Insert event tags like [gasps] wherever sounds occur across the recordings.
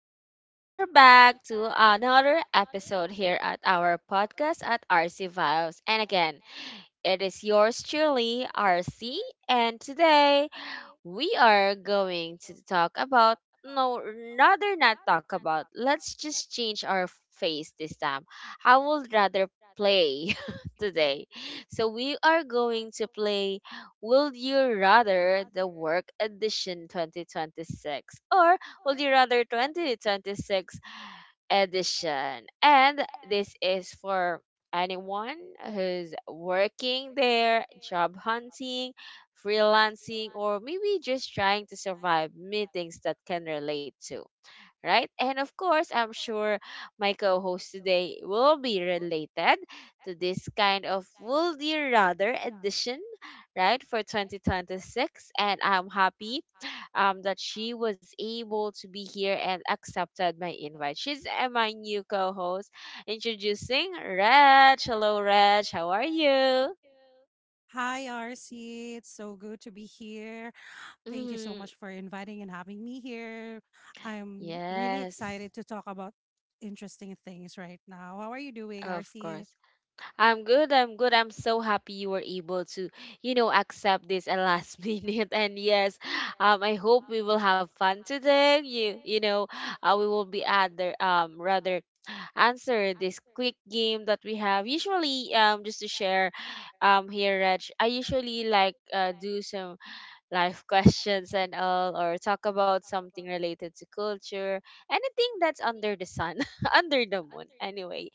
Hello, we are back to another episode here at our podcast at RC Vibes. And again, it is yours truly, RC. And today, we are going to talk about no let's just change our face this time. I would rather play [laughs] today. So we are going to play will you rather the work edition 2026, or will you rather 2026 edition. And this is for anyone who's working there, job hunting, freelancing, or maybe just trying to survive meetings that can relate to, right? And of course, I'm sure my co host today will be related to this kind of Would You Rather edition, right, for 2026. And I'm happy that she was able to be here and accepted my invite. She's my new co host. Introducing Reg. Hello, Reg. How are you? Hi, RC. It's so good to be here. Thank you so Mhm. much for inviting and having me here. I'm really Yes, excited to talk about interesting things right now. How are you doing, of course. RC? I'm good. I'm good. I'm so happy you were able to, you know, accept this at last [laughs] minute. And yes, I hope we will have fun today. We will be rather answer this quick game that we have. Usually, just to share, here, Reg, I usually like do some life questions and all, or talk about something related to culture, anything that's under the sun, [laughs] under the moon. Anyway,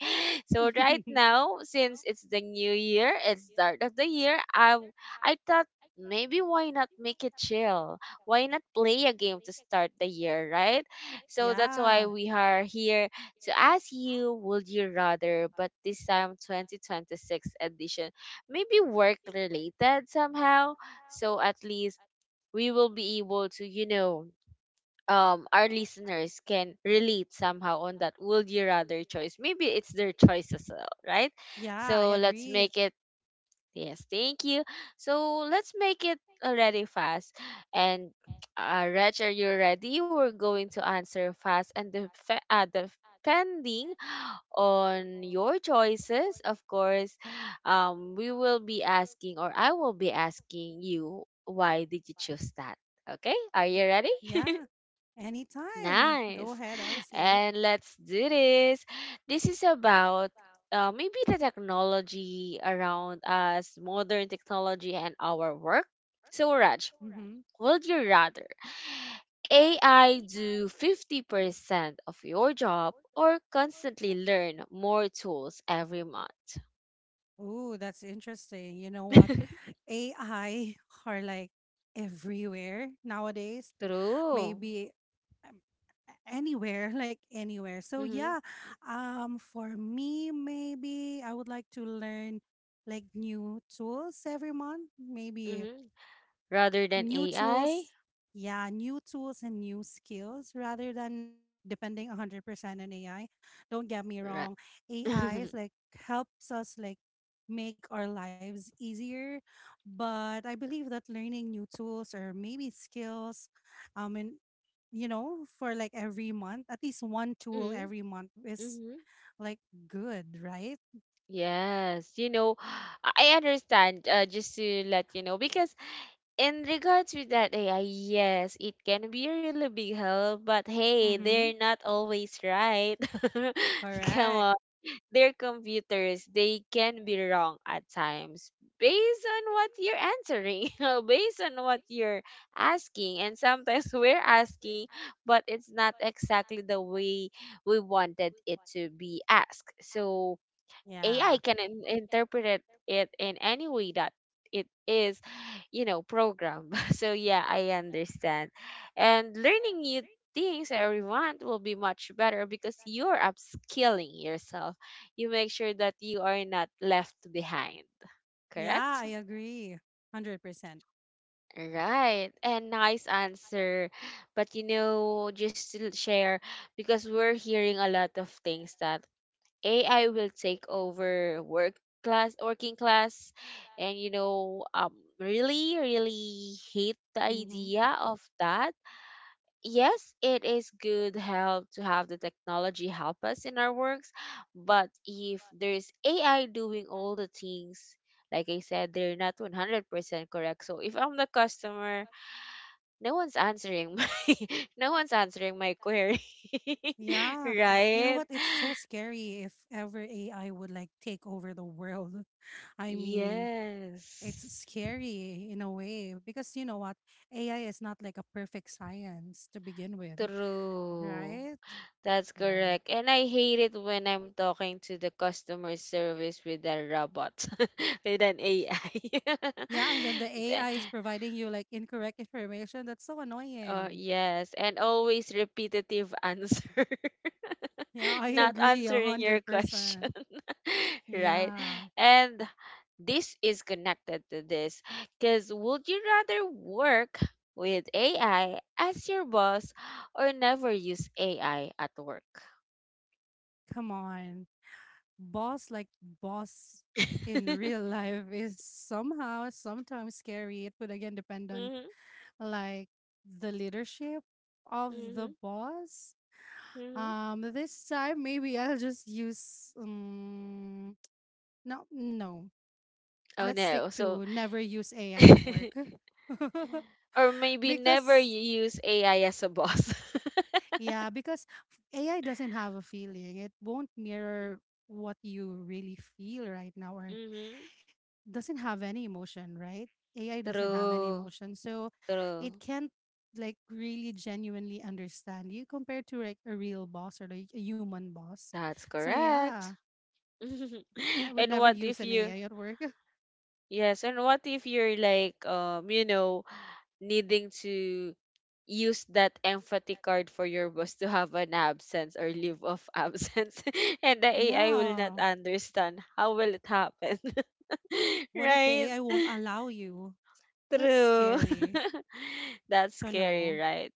so right [laughs] now, since it's the new year, it's start of the year, I thought maybe why not make it chill? Why not play a game to start the year, right? So that's why Yeah. we are here to ask you, would you rather, but this time 2026 edition, maybe work related somehow. So at least we will be able to, you know, our listeners can relate somehow on that would you rather choice. Maybe it's their choice as well, right? Yeah, I So let's agree. make it, yes, thank you. So let's make it already fast. And Reg, are you ready? We're going to answer fast and depending on your choices, of course, we will be asking, or I will be asking you, why did you choose that? Okay, are you ready? [laughs] Yeah. Anytime. Go Nice. ahead, RC. And let's do this. This is about maybe the technology around us, modern technology, and our work. So, Raj, Mm-hmm. would you rather AI do 50% of your job or constantly learn more tools every month? Oh, that's interesting. You know what? [laughs] AI are like everywhere nowadays. True. Maybe um, anywhere [laughs] like anywhere, so Mm-hmm. yeah. For me, maybe I would like to learn like new tools every month, maybe. Mm-hmm. Rather than New AI? tools. Yeah, new tools and new skills rather than like depending 100% on AI. Don't get me Right. wrong, [laughs] AI mm-hmm. is like helps us like make our lives easier, but I believe that learning new tools or maybe skills, and for like every month, at least one tool every month is Mm-hmm. like good, right? Yes, you know, [sighs] I understand. Just to let you know, because in regards with that AI, yes, it can be a really big help. But hey, Mm-hmm. they're not always right. [laughs] Come Correct. on, they're computers. They can be wrong at times based on what you're answering, [laughs] based on what you're asking, and sometimes [laughs] we're asking, but it's not exactly the way we wanted it to be asked. So AI can interpret it in any way that it is, you know, programmed. [laughs] So yeah, I understand. And learning new things every month will be much better because you're upskilling yourself. You make sure that you are not left behind. Yeah, Correct? I agree 100% percent. Right. And nice answer. But you know, just to share because we're hearing a lot of things that AI will take over working class, and you know, really, really hate the Mm-hmm. idea of that. Yes, it is good help to have the technology help us in our works, but if there's AI doing all the things, like I said, they're not 100% correct. So if I'm the customer, no one's answering my [laughs] no one's answering my query, [laughs] Yeah. You know right? what? It's so scary if ever AI would like take over the world. [laughs] I mean, it's Yes. scary in a way because you know what? AI is not like a perfect science to begin with, True. right? That's Yeah. correct. And I hate it when I'm talking to the customer service with a robot, [laughs] with an AI. [laughs] Yeah, and then the The- AI is providing you like incorrect information. That's so annoying. yes. And always repetitive answer, Yeah, I [laughs] not agree a answering your hundred percent. question. [laughs] right? Yeah. And this is connected to this because would you rather work with AI as your boss or never use AI at work? Come on. Boss like boss in real [laughs] life is somehow sometimes scary. It would again depend on hmm like the leadership of the hmm boss. hmm This time, maybe I'll just use no, no, Oh let's stick no. So, to never use AI at work. [laughs] [laughs] or maybe never because you use AI as a boss. yeah because AI doesn't have a feeling. It won't mirror [laughs] what you really feel right now, or hmm doesn't have any emotion, right? AI doesn't have any True. emotion. So it True. can't like really genuinely understand you compared to like a real boss or like a human boss. That's So yeah, correct. [laughs] I would and never what use if an you AI at work. Yes, and what if you're like you know, needing to use that empathy card for your boss to have an absence or leave of absence [laughs] and the [laughs] AI will not Yeah. understand how will it happen? [laughs] What if the right? AI won't allow you? That's True. scary. [laughs] That's So scary, no. right?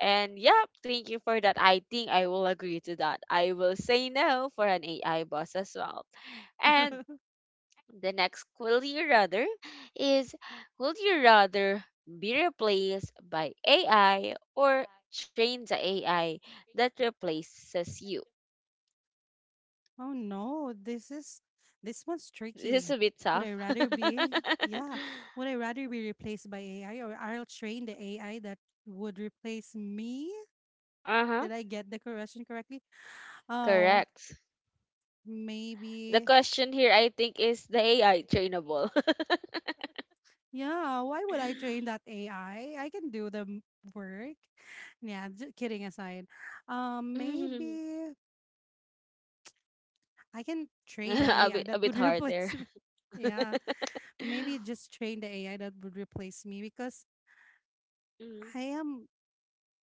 And yep, thank you for that. I think I will agree to that. I will say no for an AI boss as well. [laughs] And the next will you rather is would you rather be replaced by AI or train the AI that replaces you? Oh no, this one's [laughs] tricky. This is a bit Would I tough. rather [laughs] be yeah, would I rather be replaced by AI or I'll train the AI that would replace me? uh huh. Did I get the correction correctly? Oh, Correct. The maybe. question here, I think, is the AI trainable? [laughs] Yeah, why would I train that AI? I can do the work. Yeah, just kidding aside. Mhm. Maybe I can [laughs] train the AI a that bit would [laughs] hard there. replace me. [laughs] Yeah, maybe just train the AI that would replace me because Mm, I am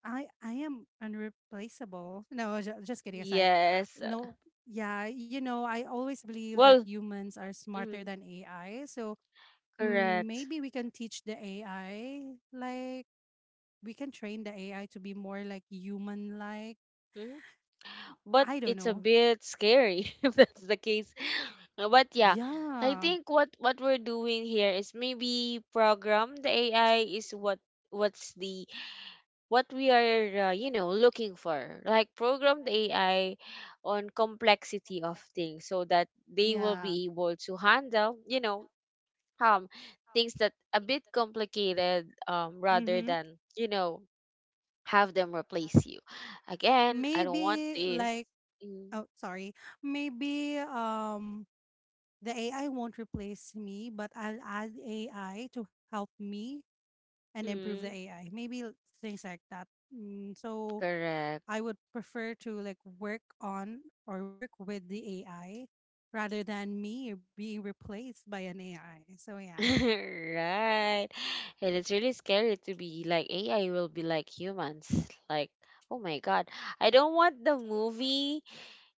I am unreplaceable. No, just kidding aside. yes. No, yeah, I always believe that Well, humans are smarter mm, than AI. So correct. maybe we can teach the AI like we can train the AI to be more like human like. Mm-hmm. But I don't it's a know. bit scary [laughs] if that's the case. But yeah, I Yeah. think what we're doing here is maybe program the AI is what what's the what we are you know, looking for, like program the AI on complexity of things so that they will Yeah. be able to handle, you know, um things that a bit complicated, rather Mhm. than, you know, have them replace you. Again, I don't want Maybe this. like Mm. Oh, sorry. Maybe the AI won't replace me, but I'll add AI to help me and improve the Mm, AI. Maybe things like that. Mm, so correct. I would prefer to like work on or work with the AI rather than me being replaced by an AI. So yeah. [laughs] Right. And it's really scary to be like AI will be like humans. Like, oh my God. I don't want the movie.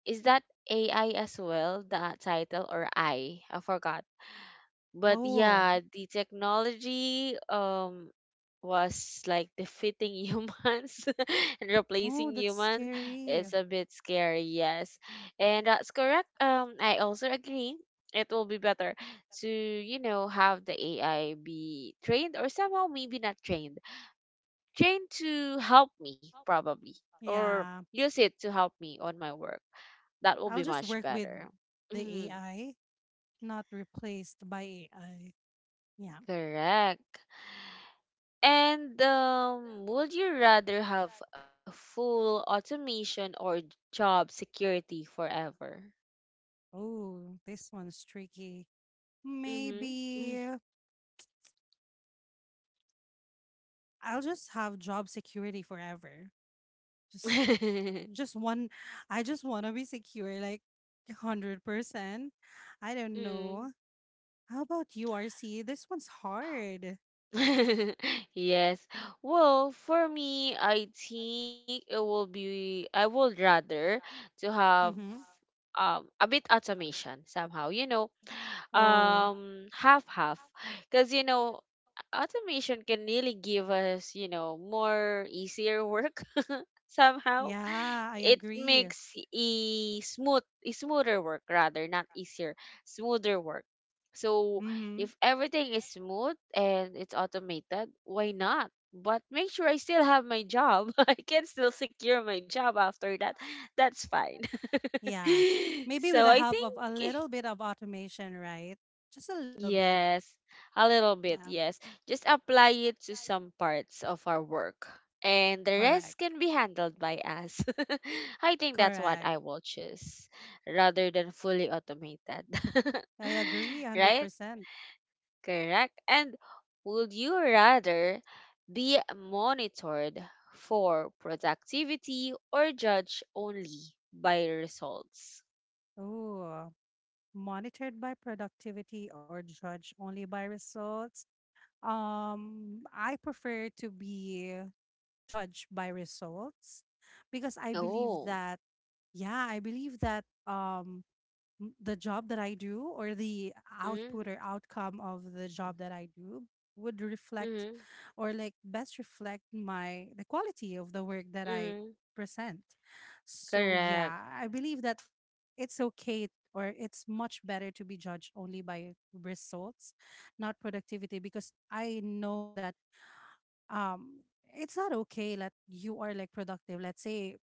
Is that AI as well, the title or I? I forgot. But Oh, yeah, the technology, was like defeating humans [laughs] and oh, replacing that's humans scary. is a bit scary, yes. And that's correct. I also agree it will be better to, you know, have the AI be trained, or somehow maybe not trained trained to help me probably, or Yeah. use it to help me on my work. That will be I'll just much work with better. the Mhm, AI, not replaced by AI. Yeah. correct. And would you rather have a full automation or job security forever? Oh, this one's tricky. Mm-hmm. Maybe I'll just have job security forever. Just [laughs] just one I just want to be secure like 100%. I don't mm know. How about you, RC? This one's hard. [laughs] yes. Well, for me, I think it will be I would rather to have Mhm. A bit automation somehow. You know, Oh. Half half, because you know automation can really give us, you know, more easier work [laughs] somehow. Yeah, I It agree. makes a smoother work, rather not easier, smoother work. So Mhm. if everything is smooth and it's automated, why not, but make sure I still have my job. [laughs] I can still secure my job after that. That's fine. Yeah. [laughs] Maybe with So the I help of a think little bit of automation, right? Just a little bit. Yes, a little bit, Yeah. yes. Just apply it to some parts of our work, and the Correct. rest can be handled by us. [laughs] I think that's what Correct. I will choose rather than fully automated. [laughs] I agree Right? 100%. Correct. And would you rather be monitored for productivity or judged only by results? Oh. Monitored by productivity or judged only by results? I prefer to be judged by results because I believe Oh, that, yeah, I believe that the job that I do, or the mm-hmm, output or outcome of the job that I do, would reflect mm-hmm, or like best reflect my the quality of the work that I mm, present. So correct. yeah, I believe that it's okay or it's much better to be judged only by results, not productivity, because I know that um it's not okay that you are like productive. Let's say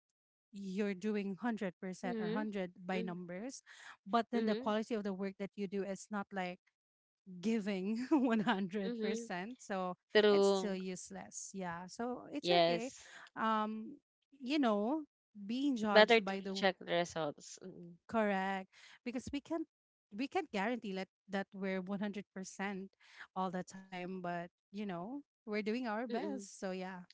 you're doing 100% or Mhm. 100 by Mm, numbers, but then the mhm, quality of the work that you do is not like giving [laughs] mhm. 100%, so it's still True. useless. Yeah, so it's okay, Yes. um you know being Better judged by to the check the results. Mm, correct, because we can't guarantee that we're 100% all the time, but we're doing our Mm-mm. best, so yeah.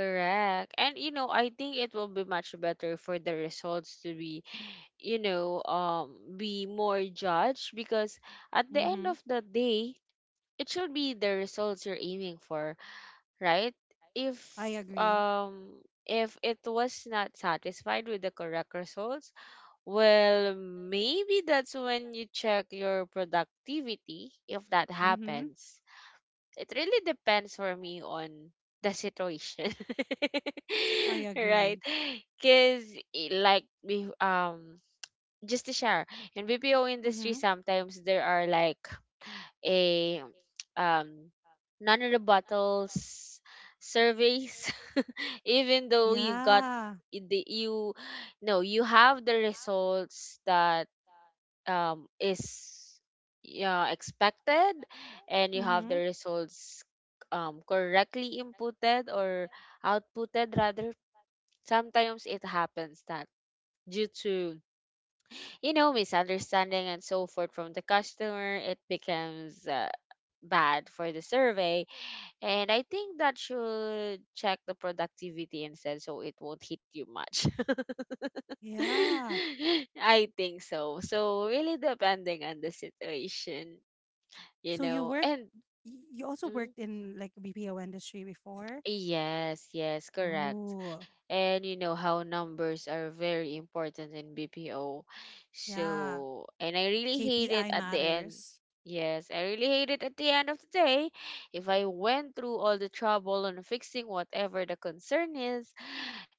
Correct. And you know, I think it will be much better for the results to be, you know, be more judged because at the end Mm-hmm. of the day, it should be the results you're aiming for, right? If I agree. um if it was not satisfied with the correct results, well, maybe that's when you check your productivity if that Mm-hmm. happens. It really depends for me on the situation. I [laughs] right? agree. Cuz like be- um just to share, in BPO industry Mm-hmm. sometimes there are like a um none of the bottles surveys [laughs] even though you got Yeah. eh, the you no you have the results that is yeah, expected. And you have Mm-hmm. the results correctly inputted or outputted rather. Sometimes it happens that due to, you know, misunderstanding and so forth from the customer, it becomes bad for the survey. And I think that should check the productivity instead so it won't hit you much. Yeah. [laughs] I think so. So really depending on the situation, you So know. And you also worked mm, in like BPO industry before? yes, yes, correct. Oh, And you know how numbers are very important in BPO. yeah. So, and I really hate it KPI at the end. matters. Yes, I really hate it at the end of the day. If I went through all the trouble on fixing whatever the concern is,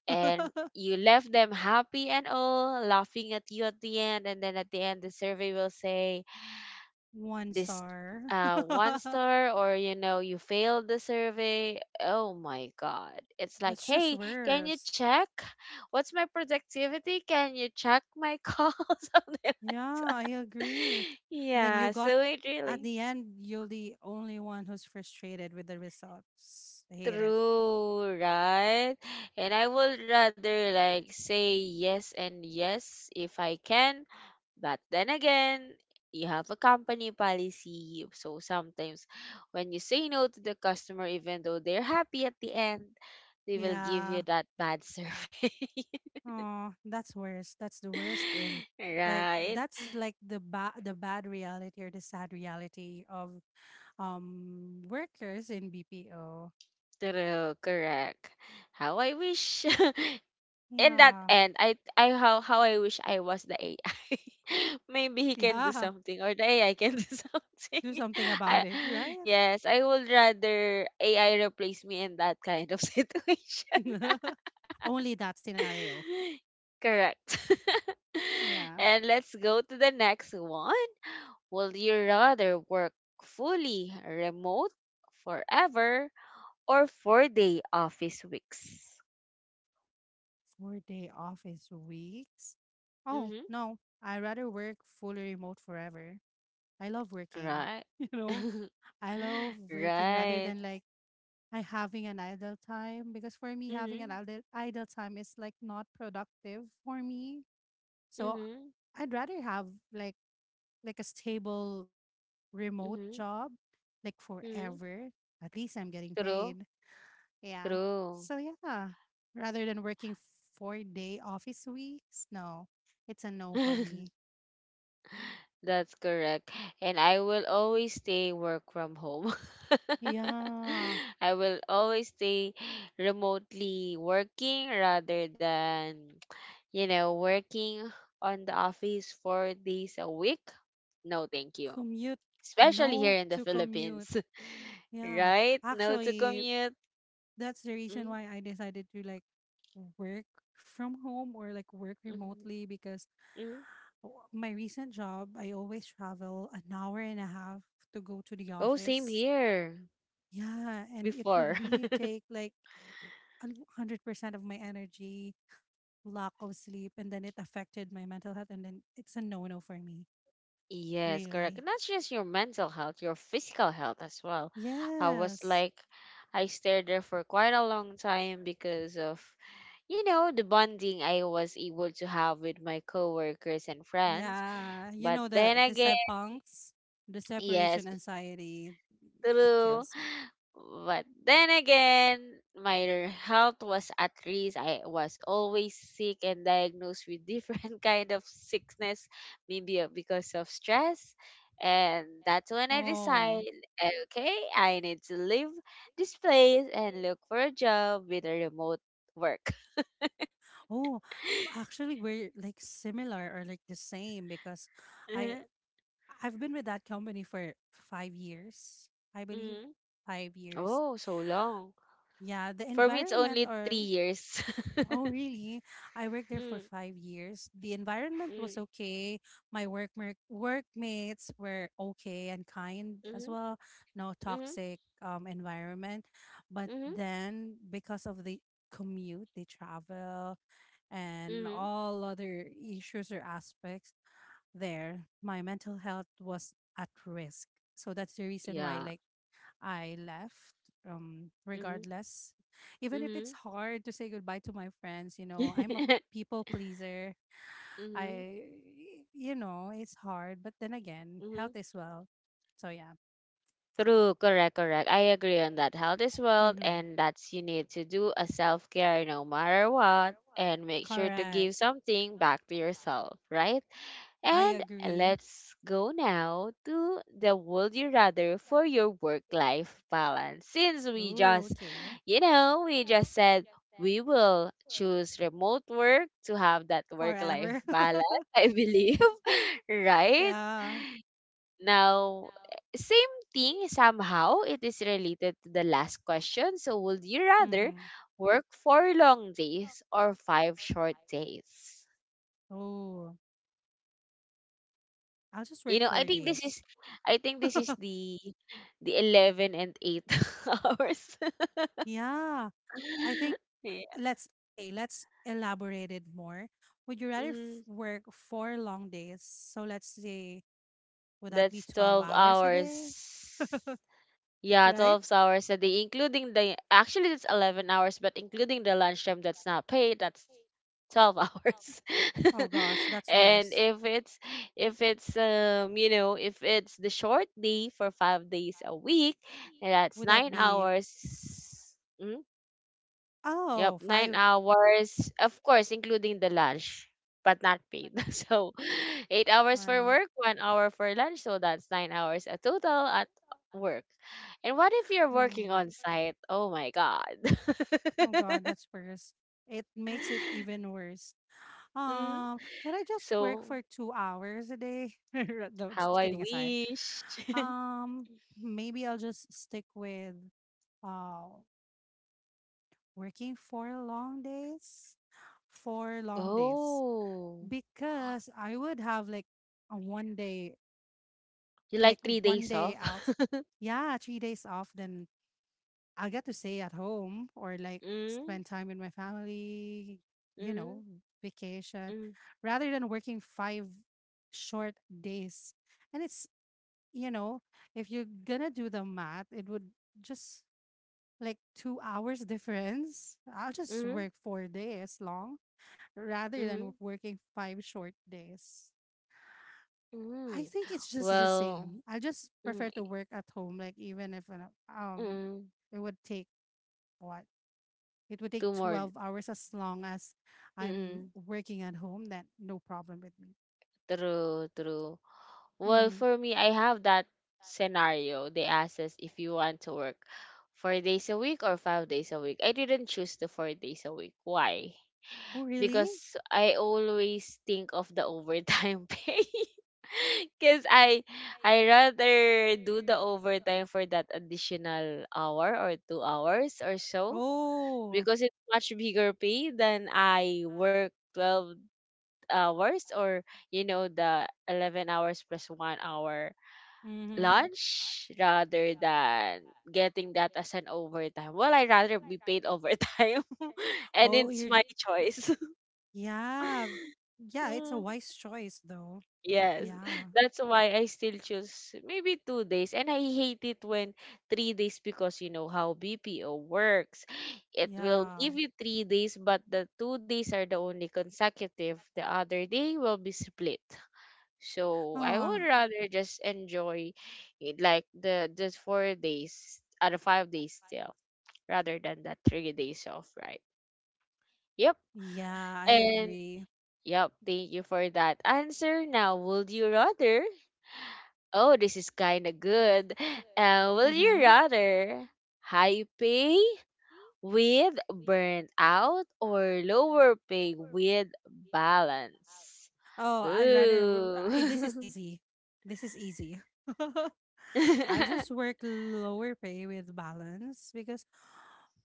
and [laughs] you left them happy and all, laughing at you at the end, and then at the end, the survey will say, One this star. One [laughs] star, or you know, you failed the survey. Oh my God, it's like, That's just hey, can you worse. check what's my productivity, can you check my call, [laughs] Yeah, I agree. And then you yeah, got so it At really the end, you're the only one who's frustrated with the results. I hate it. true right and I would rather like say yes and yes if I can. But then again, you have a company policy. So sometimes when you say no to the customer, even though they're happy at the end, they will give you Yeah. that bad survey. Oh, that's worse. That's the worst in like [laughs] right? That's like the bad reality or the sad reality of workers in BPO. True, correct. How I wish [laughs] in that Yeah. [laughs] end, I how I wish I was the AI. [laughs] Maybe he can do Yeah. something, or the AI can do [laughs] something. Do something about I, it, right? yes, I would rather AI replace me in that kind of [laughs] situation. [laughs] Only that scenario. [laughs] Correct. Yeah. [laughs] And let's go to the next one. Will you rather work fully remote forever or 4-day office weeks? 4-day office weeks. Oh, no. I rather work fully remote forever. I love working. [laughs] Right. You know, [laughs] I love working rather Right. than like I having an idle time, because for me, having an Mm-hmm. idle time is like not productive for me. So Mm-hmm. I'd rather have like like a stable remote Mm-hmm. job like Mm-hmm. forever. At least I'm getting True. paid. Yeah. True. So yeah, rather than working 4-day office weeks, no. It's a no for me. [laughs] That's correct. And I will always stay work from home. [laughs] Yeah. I will always stay remotely working rather than, working on the office 4 days a week. No, thank you. Commute Especially No here in the to commute. Philippines, [laughs] Yeah. right? No to Actually, commute. that's the reason why I decided to like work from home or like work Mm-hmm. remotely because Mm. My recent job, I always travel an hour and a half to go to the Oh, same office. here. Yeah, and it would Before. really [laughs] take like a 100% of my energy, lack of sleep, and then it affected my mental health. And then it's a no no for me, Yes, correct. really. Not just your mental health, your physical health as well. I was Yes. like, I stayed there for quite a long time because of, the bonding I was able to have with my coworkers and friends. Yeah, you But know then the again, sepangs, the separation yes, anxiety, it true. kills me. But then again, my health was at risk. I was always sick and diagnosed with different [laughs] kind of sickness, maybe because of stress. And that's when I decide, Oh, okay, I need to leave this place and look for a job with a remote work. [laughs] oh, actually, we're like similar or like the same because I Mhm. I've been with that company for 5 years, I believe, Mm. 5 years. Oh, so long. Yeah, the For me, it's environment only three or years. [laughs] Oh, really? I worked there for Mm. 5 years. The environment Mm. was okay. My workmates were okay and kind as Hmm. well. No Hmm. toxic environment. But Hmm. then because of the commute, the travel, and Hmm. all other issues or aspects there, my mental health was at risk. So that's the reason why Yeah. like I left, regardless. Even if it's Mhm. hard to say goodbye to my friends, I'm a Mhm. people pleaser. I, it's hard, but then again, health Mhm. [laughs] is well. So yeah. True, correct, correct. I agree on that. Health is wealth, Mm-hmm. and that's you need to do a self care no matter what, and make sure to Correct. give something back to yourself, right? I And agree. let's go now to the would you rather for your work life balance. Since we Ooh, just, okay. you know, we just said we will choose remote work to have that work life Forever. balance, [laughs] I believe, [laughs] right? Yeah. Forever. Now, same thing somehow. It is related to the last question. So, would you rather Mm-hmm. work four long days or five short days? Oh, I'll just work You know, I four think this days. is, I think this [laughs] is the 11 and eight [laughs] hours. Yeah. I think [laughs] Yeah. let's okay, Let's elaborate it more. Would you rather mm, work four long days? So let's say, would that be that's 12 twelve hours a day, hours. Yeah, right? 12 hours a day, including the actually it's 11 hours, but including the lunchtime that's not paid, that's 12 hours. Oh [laughs] gosh, that's And worse. If it's you know, if it's the short day for 5 days a week, that's Would that 9 be, hours. Hmm? Yep, oh, nine five? hours, of course, including the lunch, but not paid. [laughs] So, 8 hours for Wow. work, 1 hour for lunch. So, that's 9 hours a total at work. And what if you're Hmm. working on site? Oh my God. Oh god, [laughs] that's worse. It makes it even worse. Mm, Can I just work So, for 2 hours a day? [laughs] No, how just I kidding aside. wish. [laughs] Um, Maybe I'll just stick with. Wow. Working four long days Oh, because I would have like a one day, you like three one days day off? out. [laughs] Yeah, 3 days off. Then I'll get to stay at home or like Mm, spend time with my family, you know, mm, vacation, mm, rather than working five short days. And you know, if you're gonna do the math, it would just like 2 hours [laughs] difference. I'll just work mm, 4 days long rather than mm, working five short days. I mm. think it's just the Well, same. I just mm, prefer to work at home, like even if mm. it would take what it would take Two more. 12 hours as long as I'm Mm-mm. working at home. Then no problem with me. True, true. Well, Hmm. for me, I have that scenario. They asked us if you want to work 4 days a week or 5 days a week. I didn't choose the 4 days a week. Why? Oh really? Because I always think of the overtime [laughs] pay. Because I rather do the overtime for that additional hour or 2 hours or so, Oh. because it's much bigger pay than I work 12 hours, or the 11 hours plus 1 hour Mm-hmm. lunch, rather than getting that as an overtime. Well, I rather be paid overtime [laughs] and Oh, it's you're. j- my choice. [laughs] Yeah, yeah. It's a Mm, wise choice, though. yes, Yeah, that's why I still choose maybe 2 days. And I hate it when 3 days, because you know how BPO works. It will yeah. give you 3 days, but the 2 days are the only consecutive. The other day will be split. So I Oh, would rather just enjoy it like the 4 days out of 5 days still, rather than that 3 days off, right? Yep. yeah. I And agree. yep, thank you for that answer. Now would you rather oh this is kinda good. [laughs] Will you Mm-hmm. rather high pay with burnt out or lower pay with balance? This is Ooh. easy. This is easy. [laughs] I'll just [laughs] work lower pay with balance because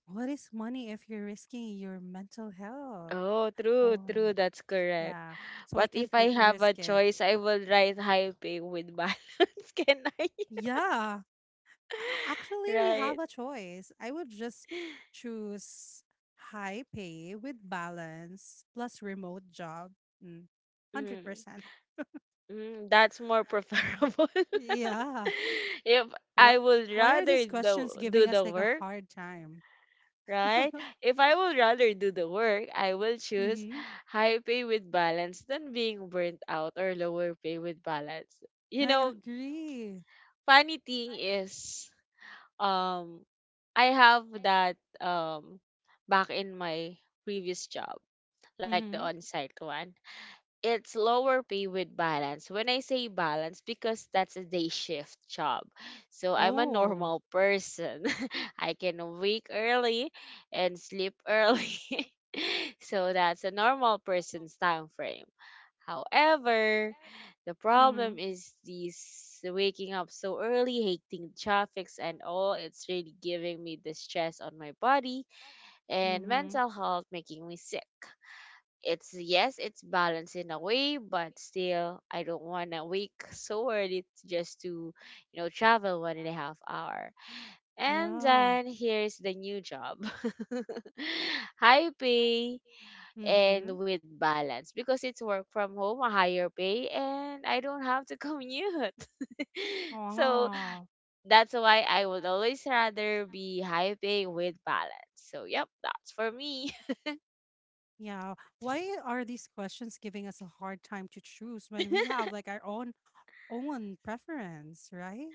what is money if you're risking your mental health? Oh, true, Oh, true. That's correct. yeah. So I But can't if ri I have a risk it. choice, I will write high pay with balance. [laughs] Can I? Yeah. Actually, we have Right. a choice. I would just choose high pay with balance plus remote job. Mm, Mm. 100%. That's more [laughs] preferable. Yeah. [laughs] If I What? would Why are rather these questions do giving us the like a work, hard time? right? [laughs] If I would rather do the work, I will choose Mm-hmm. high pay with balance than being burnt out or lower pay with balance. You I know, agree. funny thing is um I have that, back in my previous job, like the Mm-hmm. on-site one, it's lower pay with balance. When I say balance, because that's a day shift job. So I'm a Oh. normal person. [laughs] I can wake early and sleep early. [laughs] So that's a normal person's time frame. However, the Mm-hmm. problem is these waking up so early, hating traffics and all, it's really giving me the stress on my body and Mm-hmm. mental health, making me sick. It's, yes, it's balanced in a way, but still I don't wanna wake [laughs] so early just to, travel one and a half hour. And Yeah. then here's the new job. [laughs] High pay Mm-hmm. and with balance, because it's work from home, a higher pay, and I don't have to commute. [laughs] So Ah. that's why I would always rather be high pay with balance. So yep, that's for me. Yeah. Why are these questions giving us a hard time to choose when we have like our own preference, right?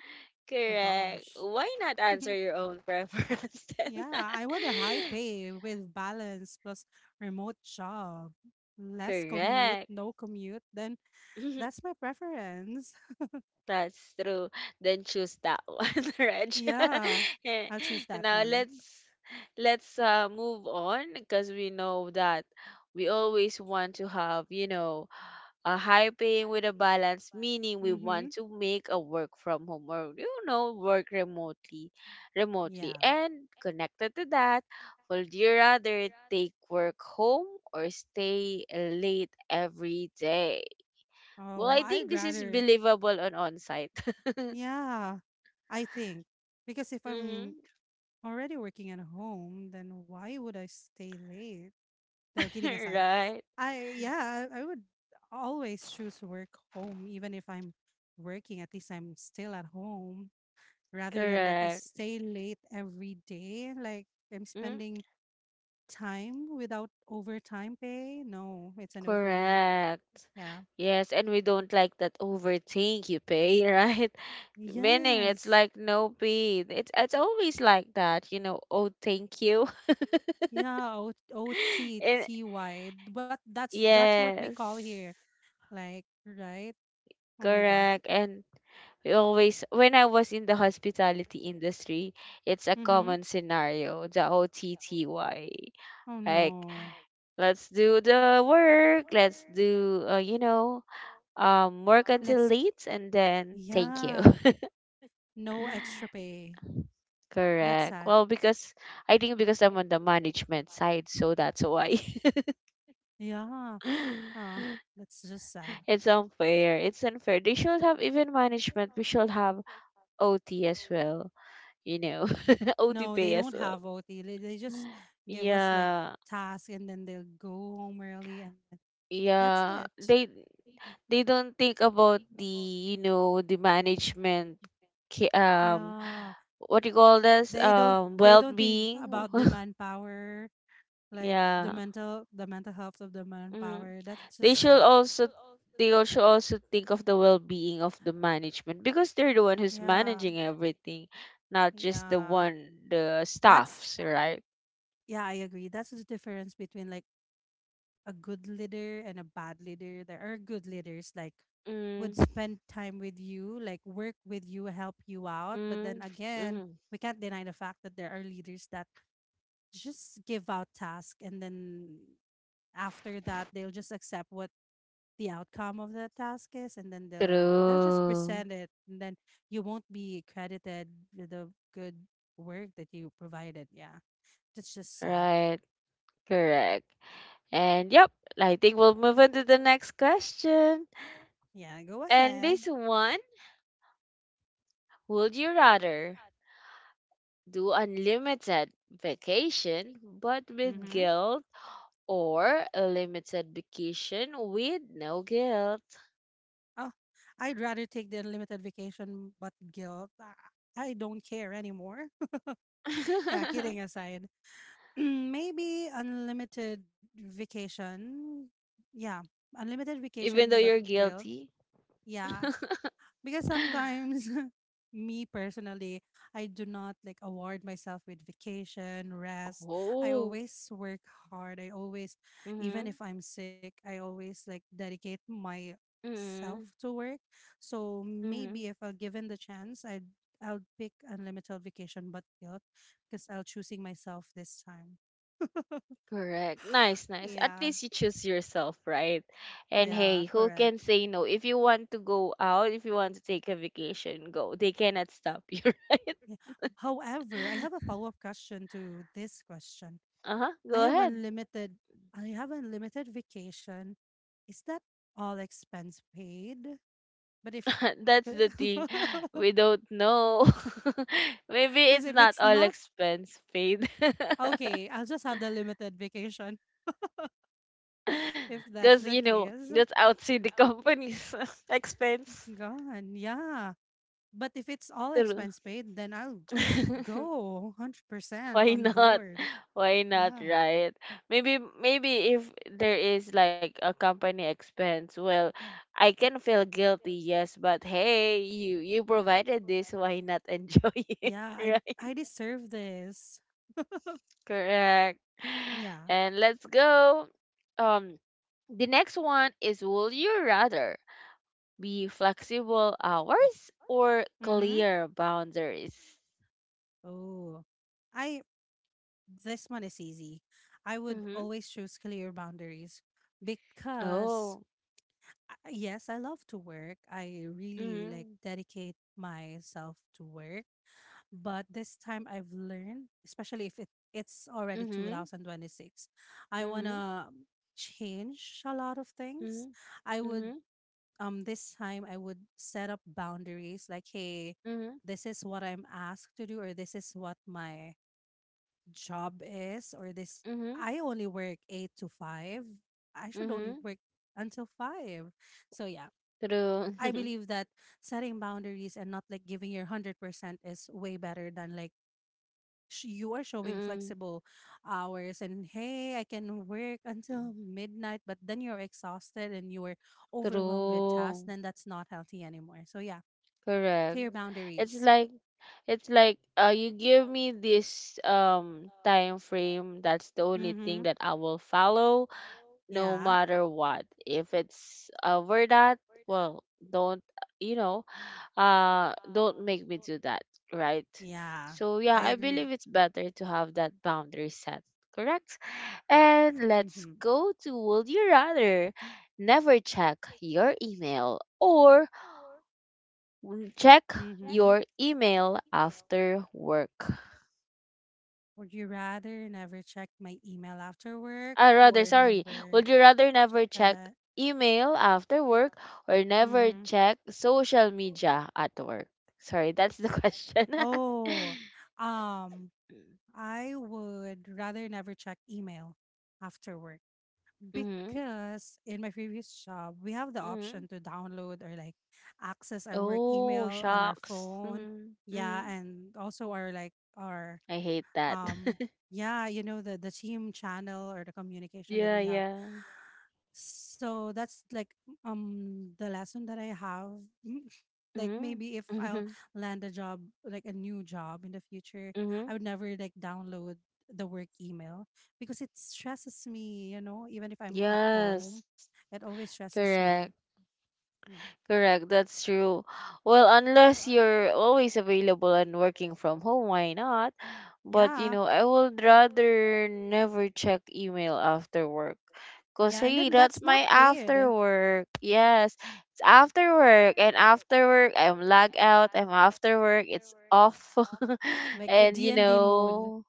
Oh Correct. gosh. [laughs] Why not answer your own preference then? Yeah. I want a high [laughs] pay with balance plus remote job. Less commute, Correct. no commute, then [laughs] that's my preference. [laughs] That's true. Then choose that [laughs] one, Reg. Yeah. [laughs] Eh, I'll choose that now one. let's move on, because we know that we always want to have, a high paying with a balance, meaning we Mm-hmm. want to make a work from home or work remotely, remotely. Yeah. And connected to that, would you rather take work home or stay late every day? Well, Oh, I think I'd this is rather. believable on on-site. [laughs] Yeah, I think because if I'm Hmm. already working at home, then why would I stay late? No, [laughs] kidding aside, Right. I yeah, I would always choose work home, even if I'm working. At least I'm still at home rather than like I Correct. stay late every day. Like, I'm Hmm. spending time without overtime pay? No, it's a no for me. Correct. Yeah. Yes, and we don't like that overthink you pay, [laughs] right? Meaning it's Yes. like no pay. It's always like that. Oh, thank you. Yeah, O O [laughs] T And T Y. But that's what we call yes. here. Like, right? Oh my God. Correct. And we always when I was in the hospitality industry, it's a Mm-hmm. common scenario, the OTTY. Oh Like, no. let's do the work. Let's do, work Like, until let's late and then thank you. yeah. No extra [laughs] pay. That's Correct. sad. [laughs] Well, because I think, because I'm on the management side, so that's why. Yeah. [laughs] Uh, that's just sad. It's unfair. It's unfair. They should have even management. We should have OT as well. You know, [laughs] OT No, pay they as don't well. have OT. They just give us like Yeah, tasks and then they'll go home early and then that's yeah. it. They don't think about the management, ki- um Yeah, so what you call this, they don't they don't think well-being. about the manpower, [laughs] like the Yeah. mental the mental health of the Mm. manpower. That's they just should sad. also they also think of the well-being of the management, because they're the one who's Yeah. managing everything, not just the Yeah. one, the That's staffs, right? yeah, I agree. That's the difference between like a good leader and a bad leader. There are good leaders like would Mm. spend time with you, like work with you, help you out. But then Mm. again, Mm. we can't deny the fact that there are leaders that just give out tasks and then after that they'll just accept what the outcome of the task is and then they'll just True. present it and then you won't be credited with the good work that you provided. Yeah, that's just sad. Right. Correct. And yep, I think we'll move on to the next question. Yeah, go And ahead. this one, would you rather do unlimited vacation but with Mm-hmm. guilt or a limited vacation with no guilt? Oh, I'd rather take the unlimited vacation but guilt. I don't care anymore. [laughs] Yeah, kidding [laughs] aside, [clears throat] maybe unlimited vacation, yeah, unlimited Even though vacation but you're guilt. guilty. Yeah. [laughs] Because sometimes, [laughs] me personally, I do not like award myself with vacation, rest. I Oh. always work hard. I always, even Mm-hmm. if I'm sick, I always like dedicate myself Mm-hmm. to work. So Mm-hmm. maybe if I'll given the chance, I'll pick unlimited vacation but guilt because I'll choosing myself this time. Correct. [sighs] Nice, nice. At Yeah, least you choose yourself, right? And yeah, hey, who correct. can say no? If you want to go out, if you want to take a vacation, go. They cannot stop you, [laughs] right? Yeah. However, I have a follow-up question to this question. Uh-huh. I Go have ahead. unlimited I have unlimited vacation. Is that all expense paid? But if [laughs] [laughs] That's the thing. because We don't know. [laughs] Maybe it's if not it's all not expense paid. [laughs] okay, I'll just have the limited vacation [laughs] if that's Because, the you know, case. that's outside the company's [laughs] expense. Gone. Yeah. But if it's all True. expense paid, then I'll [laughs] go 100% Why on not? board. Why not, Yeah. right? Maybe if there is like a company expense, well, I can feel guilty, yes, but hey, you provided this, why not enjoy [laughs] it? Yeah, I Right? I deserve this. Correct. Yeah. And let's go. Um, the next one is, will you rather be flexible hours or Mhm. clear boundaries? Oh. I this one is easy. I would Mm-hmm. always choose clear boundaries because, Oh. Yes, I love to work. I really like Mm-hmm. dedicate myself to work. But this time I've learned, especially if it's already Mm-hmm. 2026, I want Mm-hmm. to change a lot of Mm-hmm. things. I Mm-hmm. would, this time I would set up boundaries like, hey, Mm-hmm. this is what I'm asked to do, or this is what my job is or this Mm-hmm. I only work 8 to 5. I should only Mm-hmm. work until 5. So yeah, True. I [laughs] believe that setting boundaries and not like giving your 100% is way better than like sh- you are showing Mm. flexible hours and hey, I can work until midnight, but then you're exhausted and you're overwhelmed with tasks, True. then that's not healthy anymore. So yeah, Correct. clear It's boundaries. like It's like you give me this time frame. That's the only thing Mhm. that I will follow, no Yeah. matter what. If it's over that, well, don't you know, don't make me do that, right? Yeah. So yeah, I I believe agree. it's better to have that boundary set. Correct. And let's Mhm. go to Would You Rather? Never check your email or check Check. Mhm. your email after work. Would you rather never check my email after work Rather, or sorry. Would never you rather never check check? email after work or never Mm-hmm. check social media at work? Sorry, that's the [laughs] question. Oh, um, [laughs] I would rather never check email after work Mm-hmm, because in my previous job, we have the mm-hmm. option to download or like access our work Oh, email on our shocks. phone. Mm-hmm, mm-hmm. Yeah, and also our like our I hate that. um [laughs] yeah, you know, the team channel or the communication that we Yeah, have. yeah. So that's like the lesson that I have. [laughs] Like Mm-hmm, maybe if [laughs] I'll mm-hmm, land a job, like a new job in the future, mm-hmm. I would never like download the work email because it stresses me, you know, even if I'm at home, Yes, it always stresses correct. me. Yeah. Correct, that's true. Well, unless you're always available and working from home, why not? But you Yeah. know, I would rather never check email after work. Cause Yeah, and hey, then that's that's not my after paid, work. Yes, it's after work, and after work I'm lag out. I'm after work. It's off. [laughs] like a and you D and D mode. know.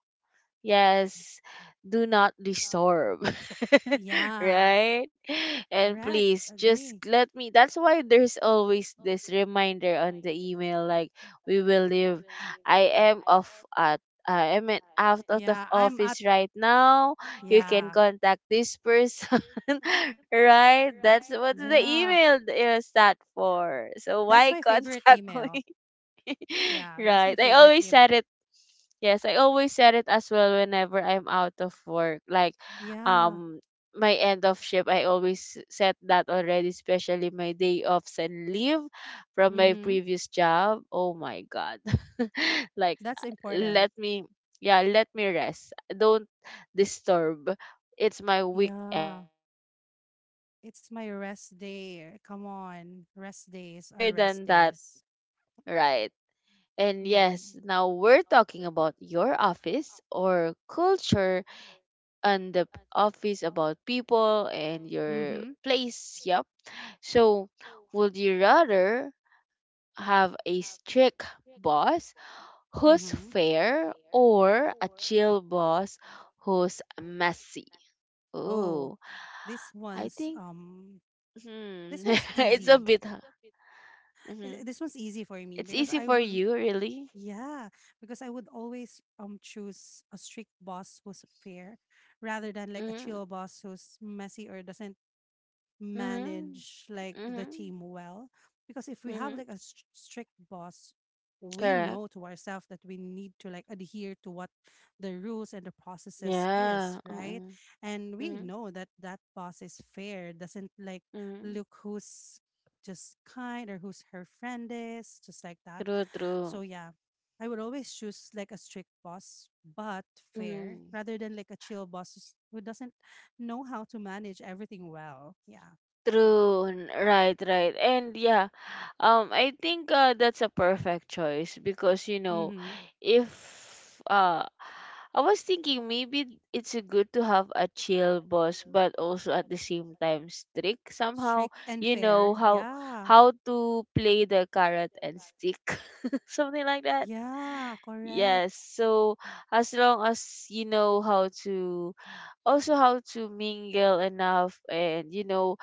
Yes, do not disturb. [laughs] Yeah, Right? And correct, please just agree. let me. That's why there's always this reminder on the email like we will leave. I am off at I am out of the Yeah, I'm at office right now. You can yeah. contact this person, [laughs] right? That's what the Yeah. email is that for. So That's why my favorite contact [laughs] me, email. Yeah, that's right? my I favorite always email. said [laughs] Like it Yes, I always said it as well whenever I'm out of work. Like, yeah. um, my end of shift, I always said that already, especially my day offs and leave from my Mhm. previous job. Oh my God. [laughs] Like, That's let important. me, yeah, let me rest. Don't disturb. It's my weekend. Yeah. It's my day off, right? It's my [laughs] So rest please, day. [laughs] Come on. Rest days are better rest than even that, days. right? And yes, Mhm. now we're talking about your office or culture and the office about people and your Mhm. place. Yep. So, would you rather have a strict boss who's Mhm. fair or a chill boss who's messy? Oh, Oh, this I one's think um hmm, this one's [laughs] it's a easy. bit. Th- Mm-hmm. This one's easy for me It's because easy I for would you, really. yeah, because I would always choose a strict boss who's fair rather than like a Mm-hmm. chill boss who's messy or doesn't Mm-hmm. manage like the Mm-hmm. team well because if we have Mm-hmm. like a str- strict boss we know Correct. to ourselves that we need to like adhere to what the rules and the processes is, Yeah. right? Uh-uh. And we Mm-hmm. know that that boss is fair, doesn't like Mm-hmm. look who's just kind or who's her friend is just like that. True. So True. yeah, I would always choose like a strict boss but fair Mm-hmm. rather than like a chill boss who's- who doesn't know how to manage everything well. Yeah. True, right, right. And yeah, I think that's a perfect choice because you know, Mhm. if uh I was thinking maybe it's a good to have a chill boss but also at the same time strict somehow, Strict and you know, fair. how Yeah. how to play the carrot and stick, [laughs] something like that. Yeah, correct. Yes, so as long as you know how to also how to mingle enough and you know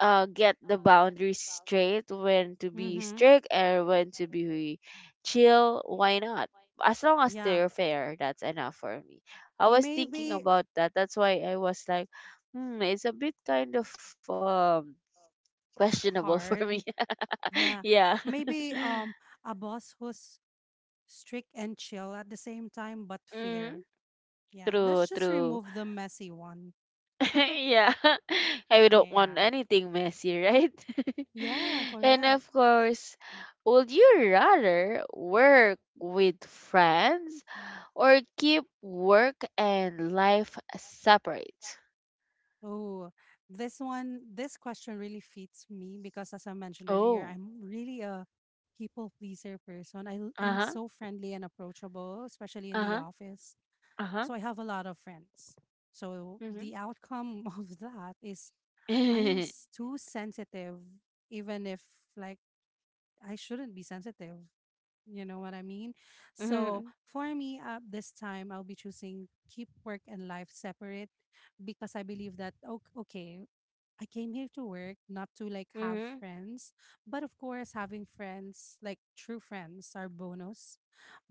get the boundaries straight when to be Mhm. strict and when to be chill, why not, as long as Yeah. they're fair, that's enough for me. I was thinking Maybe about that. That's why I was like, hmm, it's a bit kind of um questionable [laughs] for me. hard. [laughs] Yeah. Yeah. Maybe [laughs] a boss who's strict and chill at the same time but Mm, fair. Yeah. Let's true, just true. remove the messy one. [laughs] Yeah, [laughs] I don't Yeah. want anything messy, right? [laughs] Yeah, And correct. of course, would you rather work with friends or keep work and life separate? Oh, this one, this question really fits me because, as I mentioned earlier, Oh, I'm really a people pleaser person. I, l- uh I'm huh, so friendly and approachable, especially in uh the huh, office. uh huh. So I have a lot of friends. So Mm-hmm. the outcome [laughs] of that is I am [laughs] s- too sensitive, even if like I shouldn't be sensitive. You know what I mean? So Mm-hmm. for me, this time I'll be choosing keep work and life separate because I believe that okay, okay I came here to work, not to like have Mm-hmm. friends. But of course, having friends, like true friends, are bonus.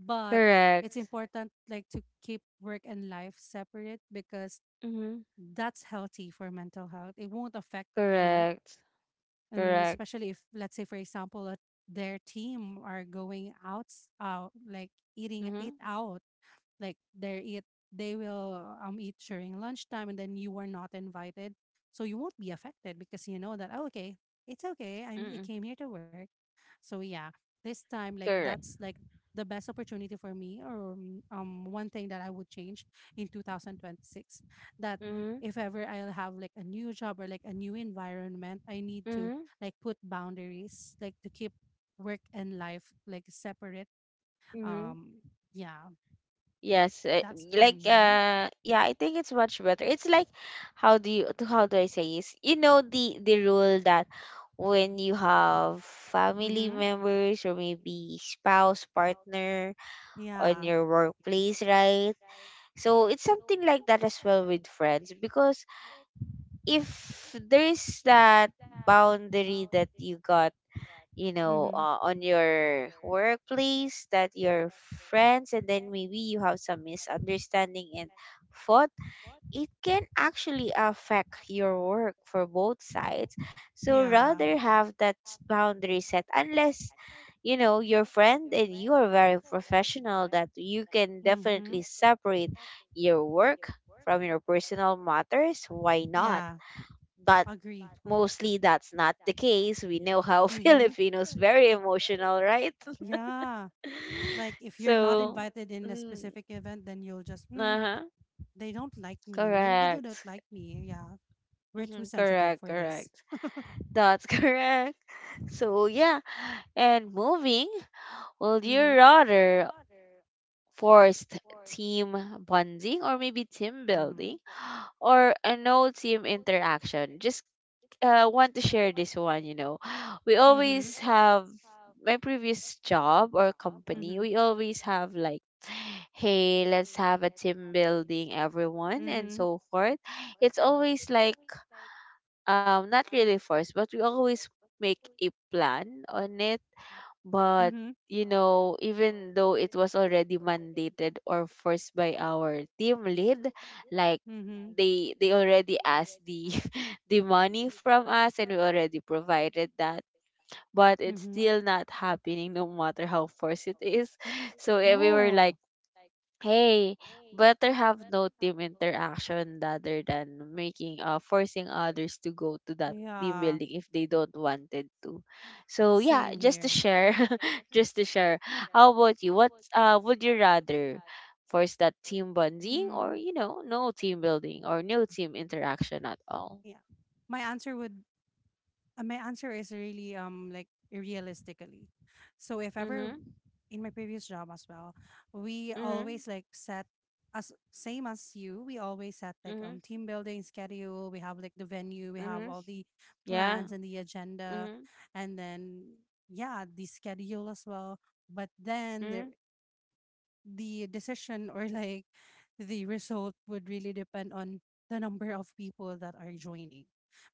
But it's Correct. important like to keep work and life separate because Mm-hmm. that's healthy for mental health. It won't affect you, Correct. Correct. especially if let's say for example, a, their team are going out, out like eating it Mm-hmm. out like they eat they will eat during lunchtime and then you are not invited so you won't be affected because you know that oh, okay it's okay I'm, I Mm-mm. came here to work. So yeah, this time like Correct. that's like the best opportunity for me or one thing that I would change in 2026 that Mm-hmm. if ever I'll have like a new job or like a new environment I need to like put boundaries like to keep work and life like separate. Mm-hmm. um yeah, Yes, that's for like me. Yeah, I think it's much better. It's like how do I say is you know the rule that when you have family Mm-hmm. members or maybe spouse, partner on Yeah. your workplace, right? So it's something like that as well with friends because if there's that boundary that you got, Mm-hmm. On your workplace, that your friends, and then maybe you have some misunderstanding and fought, it can actually affect your work for both sides. So Yeah. rather have that boundary set, unless you know your friend and you are very professional that you can definitely Mm-hmm. separate your work from your personal matters, why not? Yeah. But Agree. mostly that's not the case. We know how [laughs] Mm-hmm. Filipinos very emotional, right? Yeah. Like [laughs] if you're not So, invited in a mm, specific event, then you'll just, uh-huh, they don't like me. Maybe they don't correct. like me. Yeah. We're too Mhm, sensitive correct, for this. correct. That's [laughs] correct. So, yeah, and moving, will you Mm-hmm. rather forced team bonding or maybe team Mm-hmm. building or an old team interaction. Just want to share this one. [gasps] [sighs] We Mm-hmm. always have my previous job or company, Mm-hmm. we always have like [sighs] hey, let's have a team building everyone and Mm-hmm. so forth. It's always like not really forced, but we always make a plan on it but, Mm-hmm. Even though it was already mandated or forced by our team lead, like Mm-hmm. they already asked the [laughs] the money from us and we already provided that. But it's Mm-hmm. still not happening no matter how forced it is. [laughs] So we were like, Oh, Hey, better have no team interaction rather than making forcing others to go to that team yeah. building if they don't wanted to. So yeah, Same just to here. share, [laughs] just to share. How about you? What would you rather force that team bonding or Mm, no team building or no team interaction at all? yeah. My answer would my answer is really like realistically. So if ever Mhm. in my previous job as well, we Mhm. always like set as same as you, we always set like Mhm. Team building schedule, we have like the venue, we have Mhm. all the Yeah. plans and the agenda Mhm. and then yeah, the schedule as well. But then there Mhm. the decision or like the result would really depend on the number of people that are joining.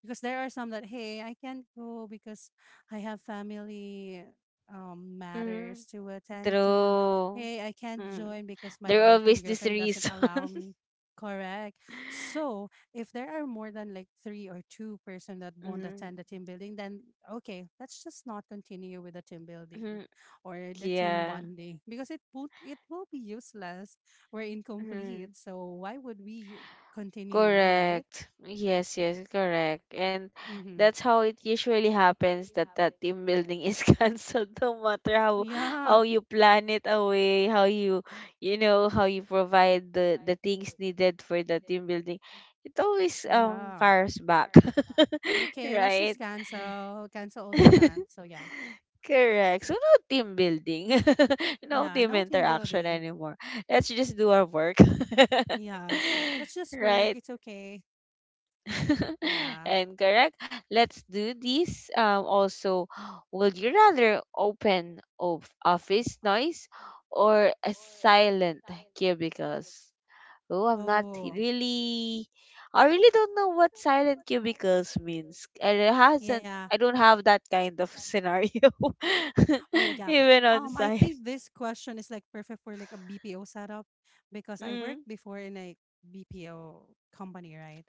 Because there are some that, hey, I can't go because I have family Mhm. matters to attend to. True. Hey, I can't Mm. join because my There are boyfriend, always this girlfriend doesn't reason. allow [laughs] me. Correct. So [laughs] if there are more than like three or two person that won't Mhm, attend the team building, then okay, let's just not continue with the team building mhm, or the team yeah. bonding because it would it will be useless. We're incomplete, Mhm. so why would we continue, right? Correct. Yes, yes, correct. And Mm-hmm. that's how it usually happens that that team building is [laughs] canceled no matter how Yeah, how you plan it away, how you how you provide the things needed for the team building. It always yeah. fires back. [laughs] Okay, let's Right? just cancel all the plans. [laughs] So yeah, Correct. So no team building, [laughs] [laughs] no yeah. team No team interaction building. anymore. Let's just do our work. [laughs] Yeah, let's just work. Right? It's okay. [laughs] Yeah. And correct. Let's do this. Also, [gasps] would you rather open of office noise or a silent cubicles? Oh, I'm not Oh, really. I really don't know what silent cubicles means. And it hasn't. yeah. I don't have that kind of scenario, [laughs] Oh yeah. even on I site. think this question is like perfect for like a BPO setup because I Mm, worked before in a BPO company, right?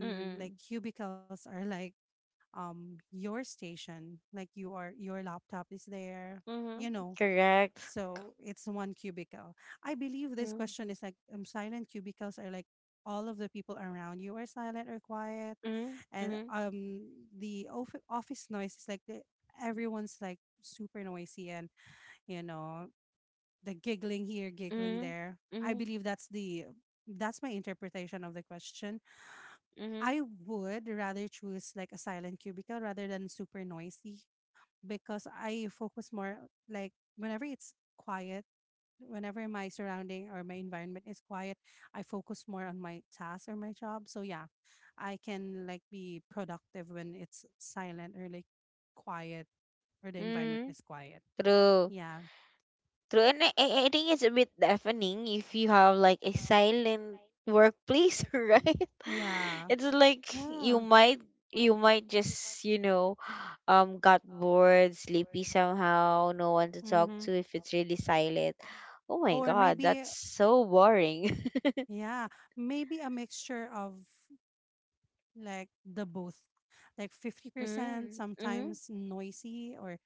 mm, like mm, cubicles are like your station, like you are your laptop is there, mm-hmm, you know. correct. So it's one cubicle. I believe this Mm, question is like silent cubicles are like all of the people around you are silent or quiet mm, and mm, the of- office noise is like the, everyone's like super noisy and you know the giggling here giggling mm, there. I mm, believe that's the that's my interpretation of the question. mm, I would rather choose like a silent cubicle rather than super noisy because I focus more like whenever it's quiet, whenever my surrounding or my environment is quiet, I focus more on my task or my job. So yeah, I can like be productive when it's silent or like quiet or the environment mm. is quiet. True, Yeah. true. And I think it's a bit deafening if you have like a silent workplace, [laughs] right? Yeah, It's like yeah you like might you might just got bored, sleepy somehow, no one to talk mm-hmm. to if it's really silent. Oh my Or god, maybe, that's so boring. [laughs] yeah, maybe a mixture of like the both, like 50% Mm, mm, sometimes noisy, or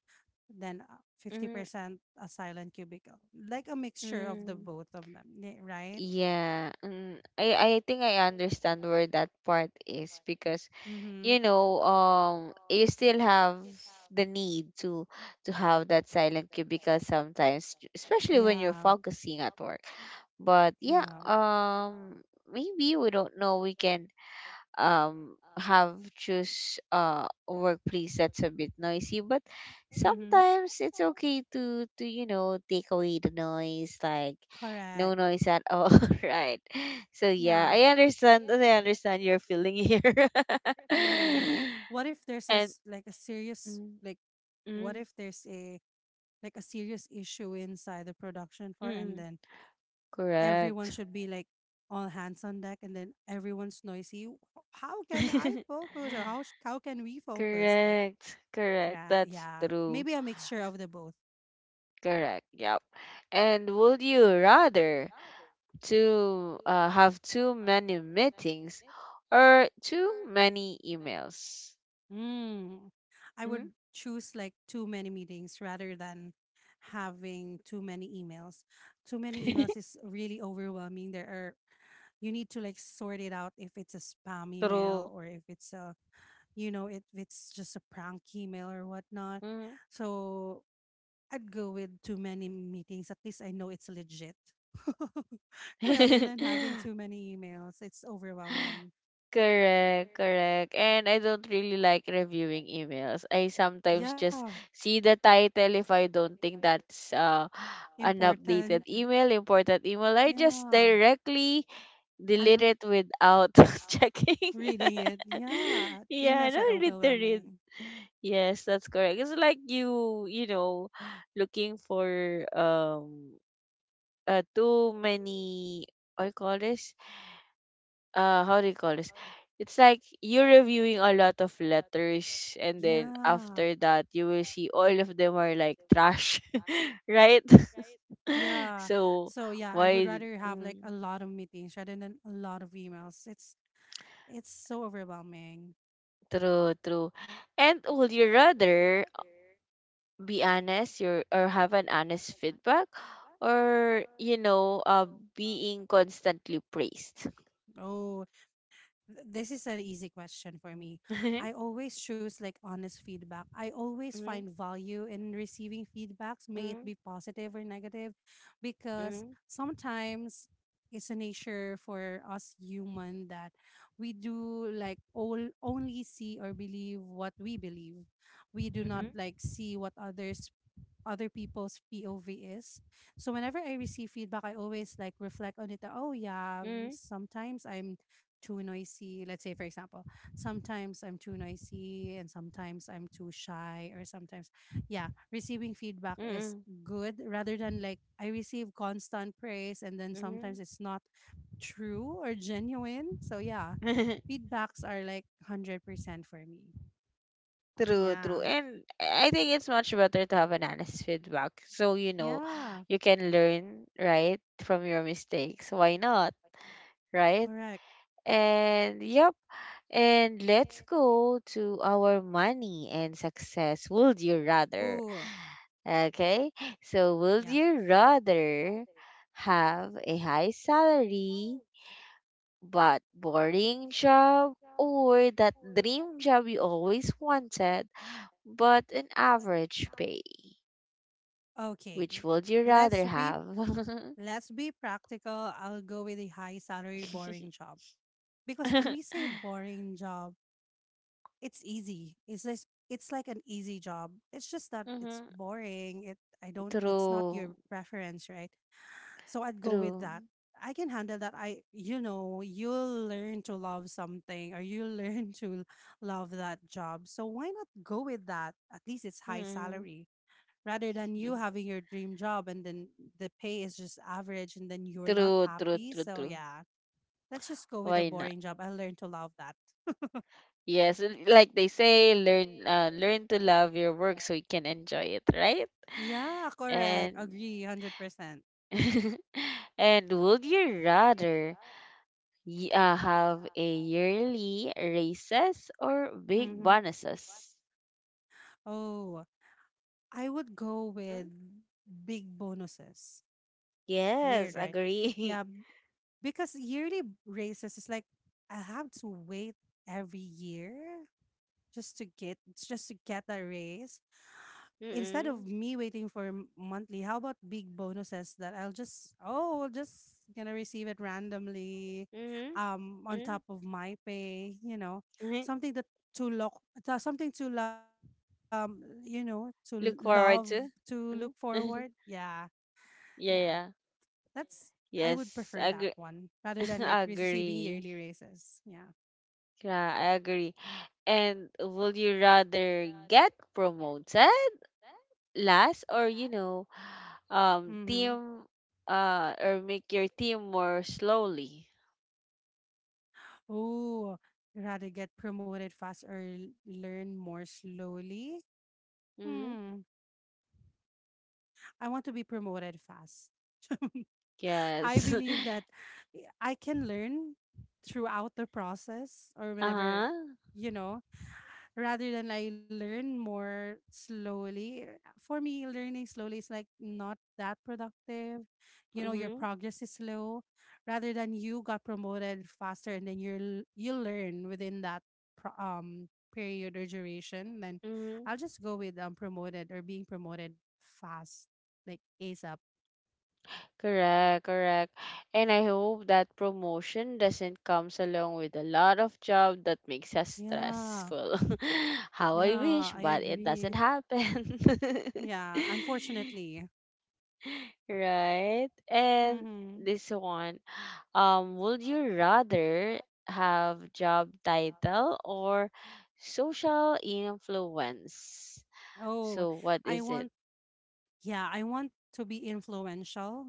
then mm, 50% a silent cubicle, like a mixture of the mm. both of them, yeah, right? Yeah, mm. I think I understand where that part is because Mm-hmm. you know um you still have the need to have that silent cubicle sometimes, especially when you're Yeah. focusing at work. But yeah, Yeah. Maybe we don't know we can have choose a workplace that's a bit noisy but Mm-hmm. sometimes it's okay to take away the noise, like no Correct. noise at all. [laughs] Right. So yeah, Yeah. I understand your feeling here. [laughs] Mm-hmm. What if [laughs] there's And a serious, mm, what mm, if there's a like a serious issue inside the production floor and mm, then everyone correct. should be like all hands on deck and then everyone's noisy. How can I [laughs] focus or how can we focus like? Correct, correct, Yeah, that's yeah, true, maybe a mixture of the both. correct, yep. And would you rather to have too many meetings or too many emails. mm. I Mhm. would choose like too many meetings rather than having too many emails. Too many emails [laughs] is really overwhelming. There are you need to like sort it out if it's a spam email True. or if it's a if it's just a prank email or whatnot. Mhm. So I'd go with too many meetings. At least I know it's legit. [laughs] Rather than having [laughs] too many emails, it's overwhelming. Correct, correct. And I don't really like reviewing emails. I sometimes just Yeah. see the title if I don't think that's an Important. updated [laughs] email, important email. I just Yeah. directly delete And it without [laughs] checking. reading it. Yeah. [laughs] Yeah, Emails no are need to read. overwhelming. Yes, that's correct. It's like you, looking for too many. I call this how do you call this? It's like you're reviewing a lot of letters, and then Yeah. after that, you will see all of them are like trash, [laughs] right? [laughs] Yeah. So So yeah, I would why? rather have like a Mm, lot of meetings rather than a lot of emails. It's so overwhelming. true, true. And would you rather be honest your or have an honest feedback or being constantly praised. Oh, This is an easy question for me. I [laughs] always choose like honest feedback. I always Mhm, find value in receiving feedbacks, may it mhm, be positive or negative, because mhm, sometimes it's a nature for us human that we do like all only see or believe what we believe. We do not mhm, like see what other people's POV is. So whenever I receive feedback, I always like reflect on it. That, oh yeah, mhm, sometimes I'm too noisy. Let's say, for example, sometimes I'm too noisy and sometimes I'm too shy, or sometimes, yeah, receiving feedback is mhm, good rather than like I receive constant praise and then mhm, sometimes mhm. it's not true or genuine. So, yeah, [laughs] feedbacks are like 100% for me. True, true. Yeah. And I think it's much better to have an honest feedback so you know Yeah. you can learn right from your mistakes, why not, right? Correct. And yep, and let's go to our money and success. Would you rather Ooh. Okay, so would Yeah. you rather have a high salary but boring job or that dream job you always wanted but an average pay? Okay. Which would you Let's rather be have? let's be practical. I'll go with a high salary boring job. Because [laughs] when we say boring job, it's easy. It's like an easy job. It's just that it's Hmm. boring. It I don't it's not True, your preference, right? So I'd go with true. that. I can handle that. I you'll learn to love something or you'll [laughs] learn to love that job. So why not go with that? At least it's high Mm. salary rather than you [laughs] having your dream job and then the pay is just average and then you're not True, true, happy. true, So true. yeah, let's just go with a Why not? boring job. I learned to love that. [laughs] Yes, like they say, learn to love your work so you can enjoy it, right? Yeah, correct. And Agree, 100%. [laughs] and would you rather have a yearly raises or big Mm-hmm. bonuses? Oh, I would go Mm, with big bonuses. yes, Weird, right? agree. Yeah, b- because yearly raises is like I have to wait every year just to get a raise. [laughs] Instead of Mm-mm. me waiting for monthly, how about big bonuses that I'll just oh I'll just gonna receive it randomly, Mm-hmm. um, on top of my pay, you know, Mm-hmm. something that to look something to to love Look to forward look to. forward. Mm-hmm. Yeah, [laughs] yeah, Yeah, yeah. that's I would prefer that Yes, agree. one rather than like [laughs] receiving yearly Agree. raises. Yeah. Yeah, I agree. And would you rather get promoted last or Mm-hmm. team or make your team more slowly? Oh, rather get promoted fast or learn more slowly. Mm-hmm. Hmm. I want to be promoted fast. [laughs] I Yes. believe that I can learn throughout the process or [laughs] whenever, Uh-huh. you know, rather than I learn more slowly. Eh, for me, learning slowly is like not that productive. You know, your Mm-hmm. progress is slow rather than you got promoted faster and then you learn within that pro- um period or duration then Mm-hmm. I'll just go with promoted or being promoted fast like ASAP. Correct, correct. And I hope that promotion doesn't comes along with a lot of job that makes us Yeah, stressful. [laughs] How I yeah, wish, I but it agree. doesn't happen. Yeah, [laughs] unfortunately. Right. And Hmm. this one, would you rather have job title or social influence? Oh, So what I is it? want, yeah, I want to be influential.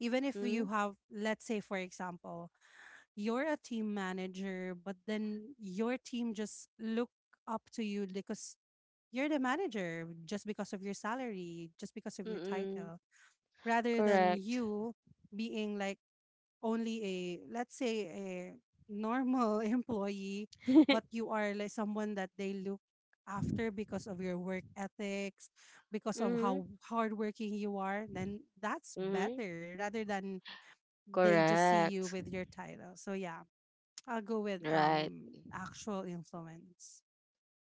Even if you Mm-hmm. have, let's say, for example, you're a team manager, but then your team just look up to you because you're the manager, just because of your salary, just because of your Mm-mm. title, rather than Correct. you being like, only a let's say a normal [laughs] employee [laughs] but you are like someone that they look after because of your work ethics because of Mm-hmm. how hardworking you are then that's Mm-hmm. better rather than they just see you Correct. with your title. So yeah, I'll go with Right. Actual influence.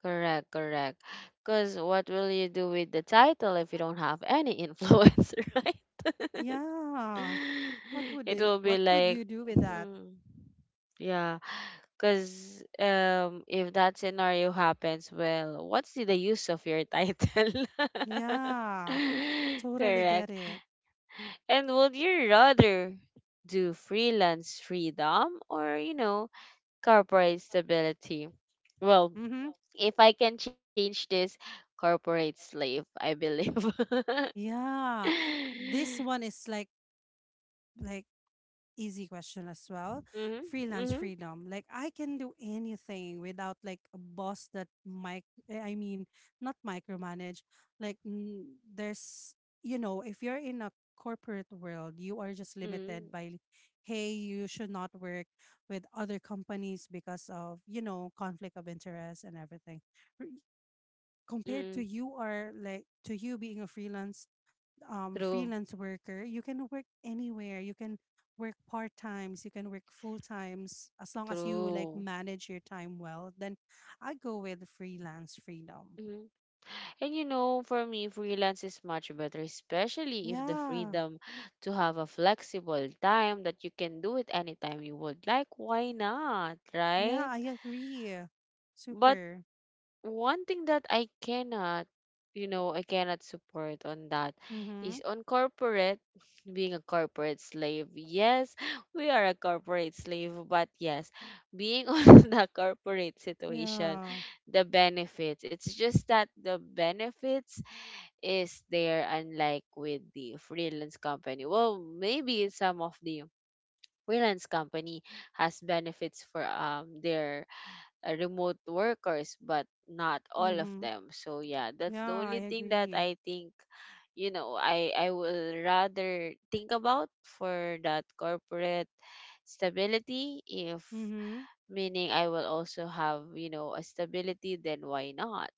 Correct. Correct. Because what will you do with the title if you don't have any influence, [laughs] right? [laughs] Yeah. [laughs] It will be What would like, you do with that? hmm, yeah, because if that scenario happens, well, what's the use of your title? [laughs] Yeah, totally get Correct. it. And would you rather do freelance freedom or, corporate stability? Well, Mm-hmm. if I can change this, corporate slave, I believe. [laughs] Mm-hmm, Yeah, this one is like like easy question as well. Freelance mm-hmm, freedom. Like I can do anything without like a boss that mic I mean not micromanage. Like mm, there's you know, if you're in a corporate world, you are just mm-hmm. limited by hey, you should not work with other companies because of, you know, conflict of interest and everything. R- Compared to you are like to you being a True, freelance worker, you can work anywhere. You can work part times. You can work full times as long as you like true. manage your time well. Then I go with freelance freedom. Mhm. And for me, freelance is much better, especially if the Yeah, freedom to have a flexible time that you can do it anytime you would like. Why not, yeah, right? I agree. But Super. one thing that I cannot support on that Mm-hmm. is on corporate, [laughs] being a corporate slave. Yes, we are a corporate slave, but yes, being [laughs] on the corporate situation, Yeah. the benefits, it's just that the benefits is there, unlike with the freelance company. Well, maybe some of the freelance company has benefits for their remote workers, but not all of Mm-hmm. them. So yeah, that's the Yeah, I only thing that agree. I think, I will rather think about for that corporate stability if Mm-hmm. meaning I will also have, a stability, then why not?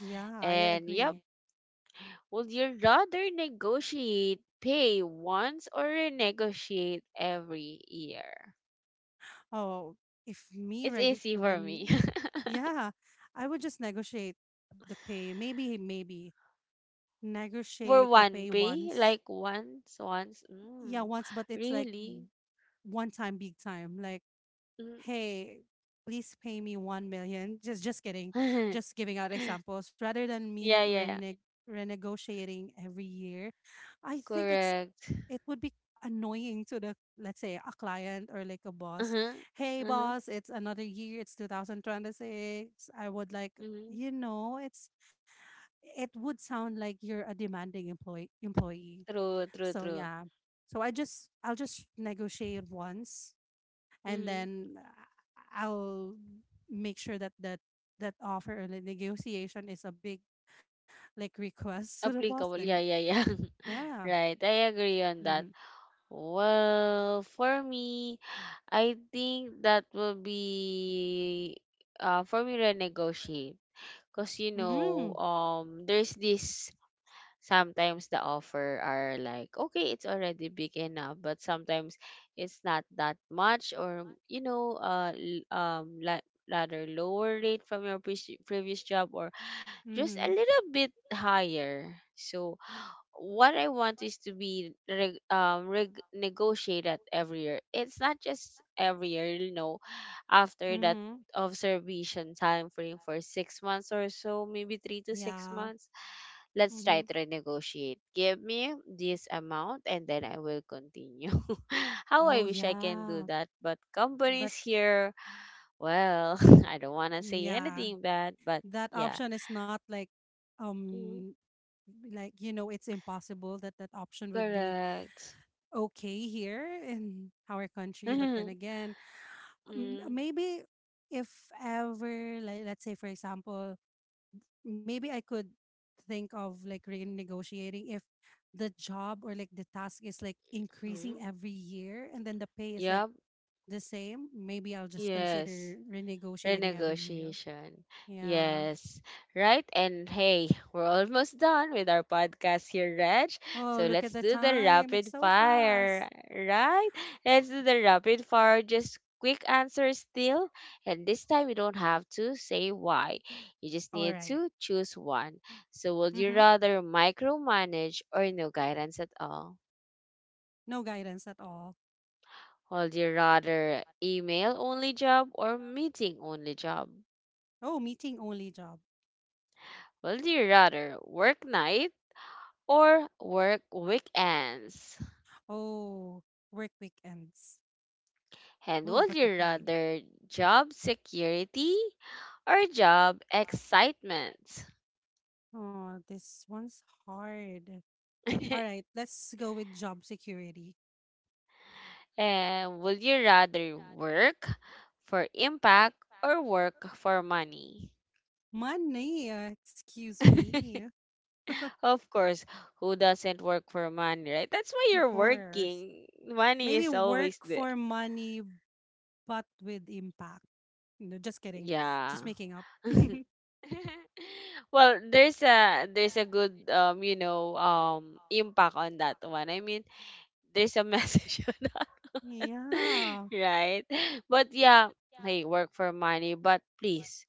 Yeah, I And yep, agree. would you rather negotiate pay once or renegotiate every year? Oh, if me It's reg easy for me. ren yeah, I would just negotiate the pay. Maybe negotiate For the pay one pay? once. Like once, once? Yeah, Mm, once, but it's like really? One time, big time. Like, Mm. hey, please pay me 1 million. Just kidding. Just [laughs] giving out examples rather than me Yeah, yeah, yeah. Renegotiating every year. I think it's Correct. it would be annoying to the let's say a client or like a boss. Uh-huh. Hey, Uh-huh. boss, it's another year. It's 2026. I would like Mm-hmm. you know it would sound like you're a demanding employee. True, true, So true. yeah. So I just I'll just negotiate once and Mm-hmm. then I'll make sure that offer or the negotiation is a big like request to the boss Applicable. then Yeah, yeah, yeah. yeah. [laughs] Right. I agree on Mhm. that. Well, for me, I think that will be for me renegotiate. Cause you Mm. know, there's this sometimes the offer are like okay it's already big enough but sometimes it's not that much or you know rather lower rate from your previous job or just a Mhm. little bit higher. So what I want is to be negotiated every year. It's not just every year, you know, after that Mhm. observation time frame for 6 months or so, maybe three to six Yeah. months. Let's Mm-hmm. try to renegotiate. Give me this amount and then I will continue. [laughs] How I Oh wish I can do yeah. that, but But companies here, well, [laughs] I don't want to mm, say yeah, anything bad, but that yeah. option is not like um like you know it's impossible that that option would be Correct. okay here in our country but then [laughs] again Mm-hmm. maybe if ever like let's say for example maybe I could think of like renegotiating if the job or like the task is like increasing every year and then the pay is like Yep. the same maybe I'll just consider Yes. renegotiating every year. Renegotiation. Yeah. Yes. Right. And hey, we're almost done with our podcast here, Reg. Oh, So look at let's the do the time, it's rapid so fast. fire. Right? Let's do the rapid fire. Just quick answer still. And this time you don't have to say why. You just All need right. to choose one. So would you Mm-hmm. rather micromanage or no guidance at all? No guidance at all. Would you rather email only job or meeting only job? Oh, meeting only job. Would you rather work night or work weekends? Oh, work weekends. And Oh, would but the you pay. rather job security or job excitement? Oh, this one's hard. All [laughs] right, let's go with job security. And would you rather work for impact or work for money? Money, excuse me. [laughs] Of course, who doesn't work for money, right? That's why Of you're course. working. Money Maybe is always work the. for money, but with impact. No, just kidding. Yeah. Just making up. [laughs] [laughs] Well, there's a good you know impact on that one. I mean, there's a message [laughs] on that, Yeah. right? But yeah, hey, work for money, but please,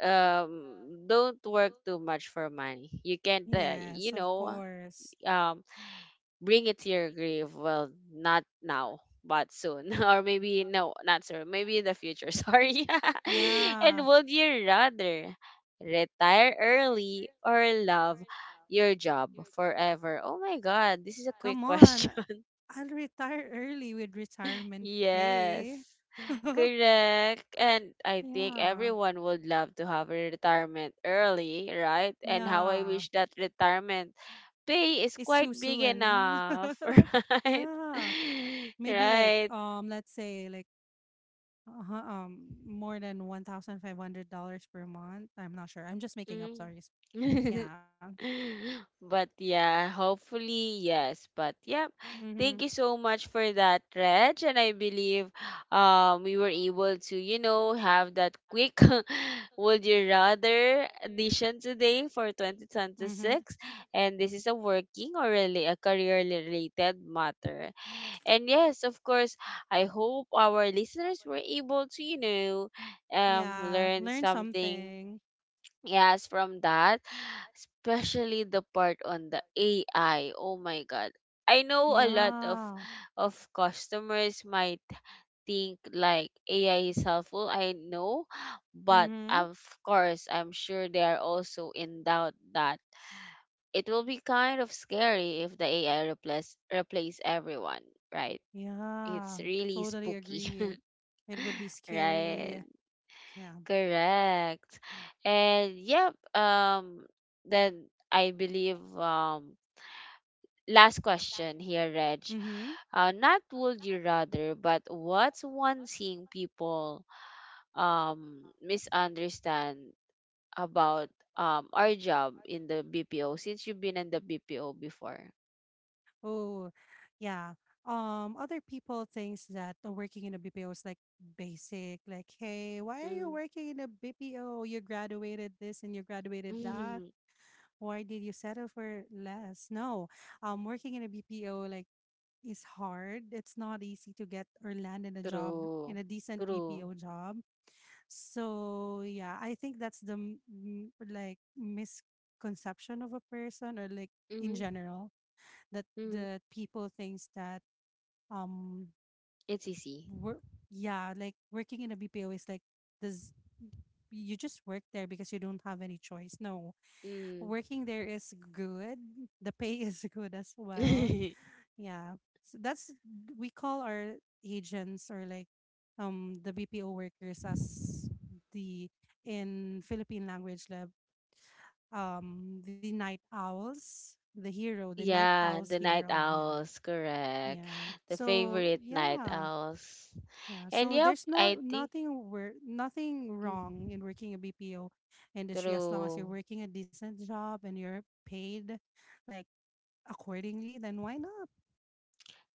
don't work too much for money. You can't, Yes, you of know, course. um, bring it to your grave, well, not now but soon, [laughs] or maybe no, not soon, maybe in the future. [laughs] Sorry. [laughs] And Yeah. would you rather retire early or love your job forever? Oh my god, this is a quick [laughs] Come on. question. Uh, I'll retire early with retirement pay. [laughs] Yes, correct. And I think Yeah. everyone would love to have a retirement early, right? And how I Yeah, wish that retirement pay is it's too quite big soon. enough, [laughs] [laughs] right? Yeah, [laughs] maybe like Right. Let's say like uh, um, more than $1,500 per month. I'm not sure. I'm just making up. Mm. Sorry. [laughs] Yeah. [laughs] But yeah, hopefully, yes. But yeah, Mhm. thank you so much for that, Reg. And I believe we were able to, you know, have that quick [laughs] would you rather edition today for Mhm. 2026. And this is a working or really a career related matter. And yes, of course, I hope our listeners were able to, you know, Yeah. learn Learn something. something. Yes, from that, especially the part on the AI. Oh my god. I know a lot of Yeah. of customers might think like AI is helpful. I know, but Mhm. of course, I'm sure they are also in doubt that it will be kind of scary if the AI replace everyone, right? It's Yeah. really Totally spooky. agree. [laughs] It would be Right? scary. Yeah. Correct. And yep, then I believe last question here, Reg. Mhm. Not would you rather, but what's one thing people misunderstand about our job in the BPO since you've been in the BPO before? Oh, yeah. Other people thinks that working in a BPO is like basic. Like, hey, why are you Mm. working in a BPO? You graduated this and you graduated that. [laughs] Why did you settle for less? No, working in a BPO like is hard. It's not easy to get or land in a job in True. a decent True. BPO job. So yeah, I think that's the like misconception of a person or like in Mm-hmm. general Mm-hmm. that people thinks that um It's easy. work yeah like working in a BPO is does you just work there because you don't have any choice. No, Mm. working there is good. The pay [laughs] is good as well. [laughs] Yeah. So that's we call our agents or like the BPO workers as the in Philippine language lab the night owls, the hero, the night Yeah, owls the night hero. Yeah. owls, correct. Yeah. The So favorite night yeah, owls. yeah. And So yep, there's I think, nothing where nothing mm, wrong in working a BPO industry as long as you're true. working a decent job and you're paid like accordingly. Then why not?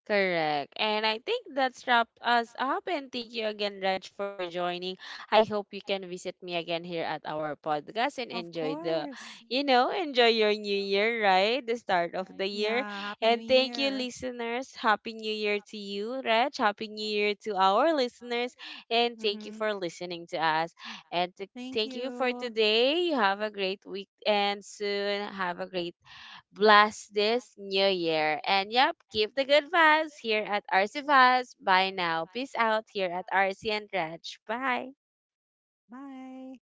Correct. And I think that's wrapped us up. And thank you again, Reg, for joining. I hope you can visit me again here at our podcast and Of enjoy the, course. you know, enjoy your new year, You're right? The right. start of the Yeah. year. Happy New And thank you, Year. listeners. Happy New Year to you, Reg. Happy New Year to our listeners. And Thank you. thank you Mm-hmm. for listening to us. And to. Thank Thank you for you. today. You have a great week and soon have a great. Bless this new year. And yep, keep the good vibes here at RC Vibes. Bye now. Peace out here at RC and Reg. Bye. Bye.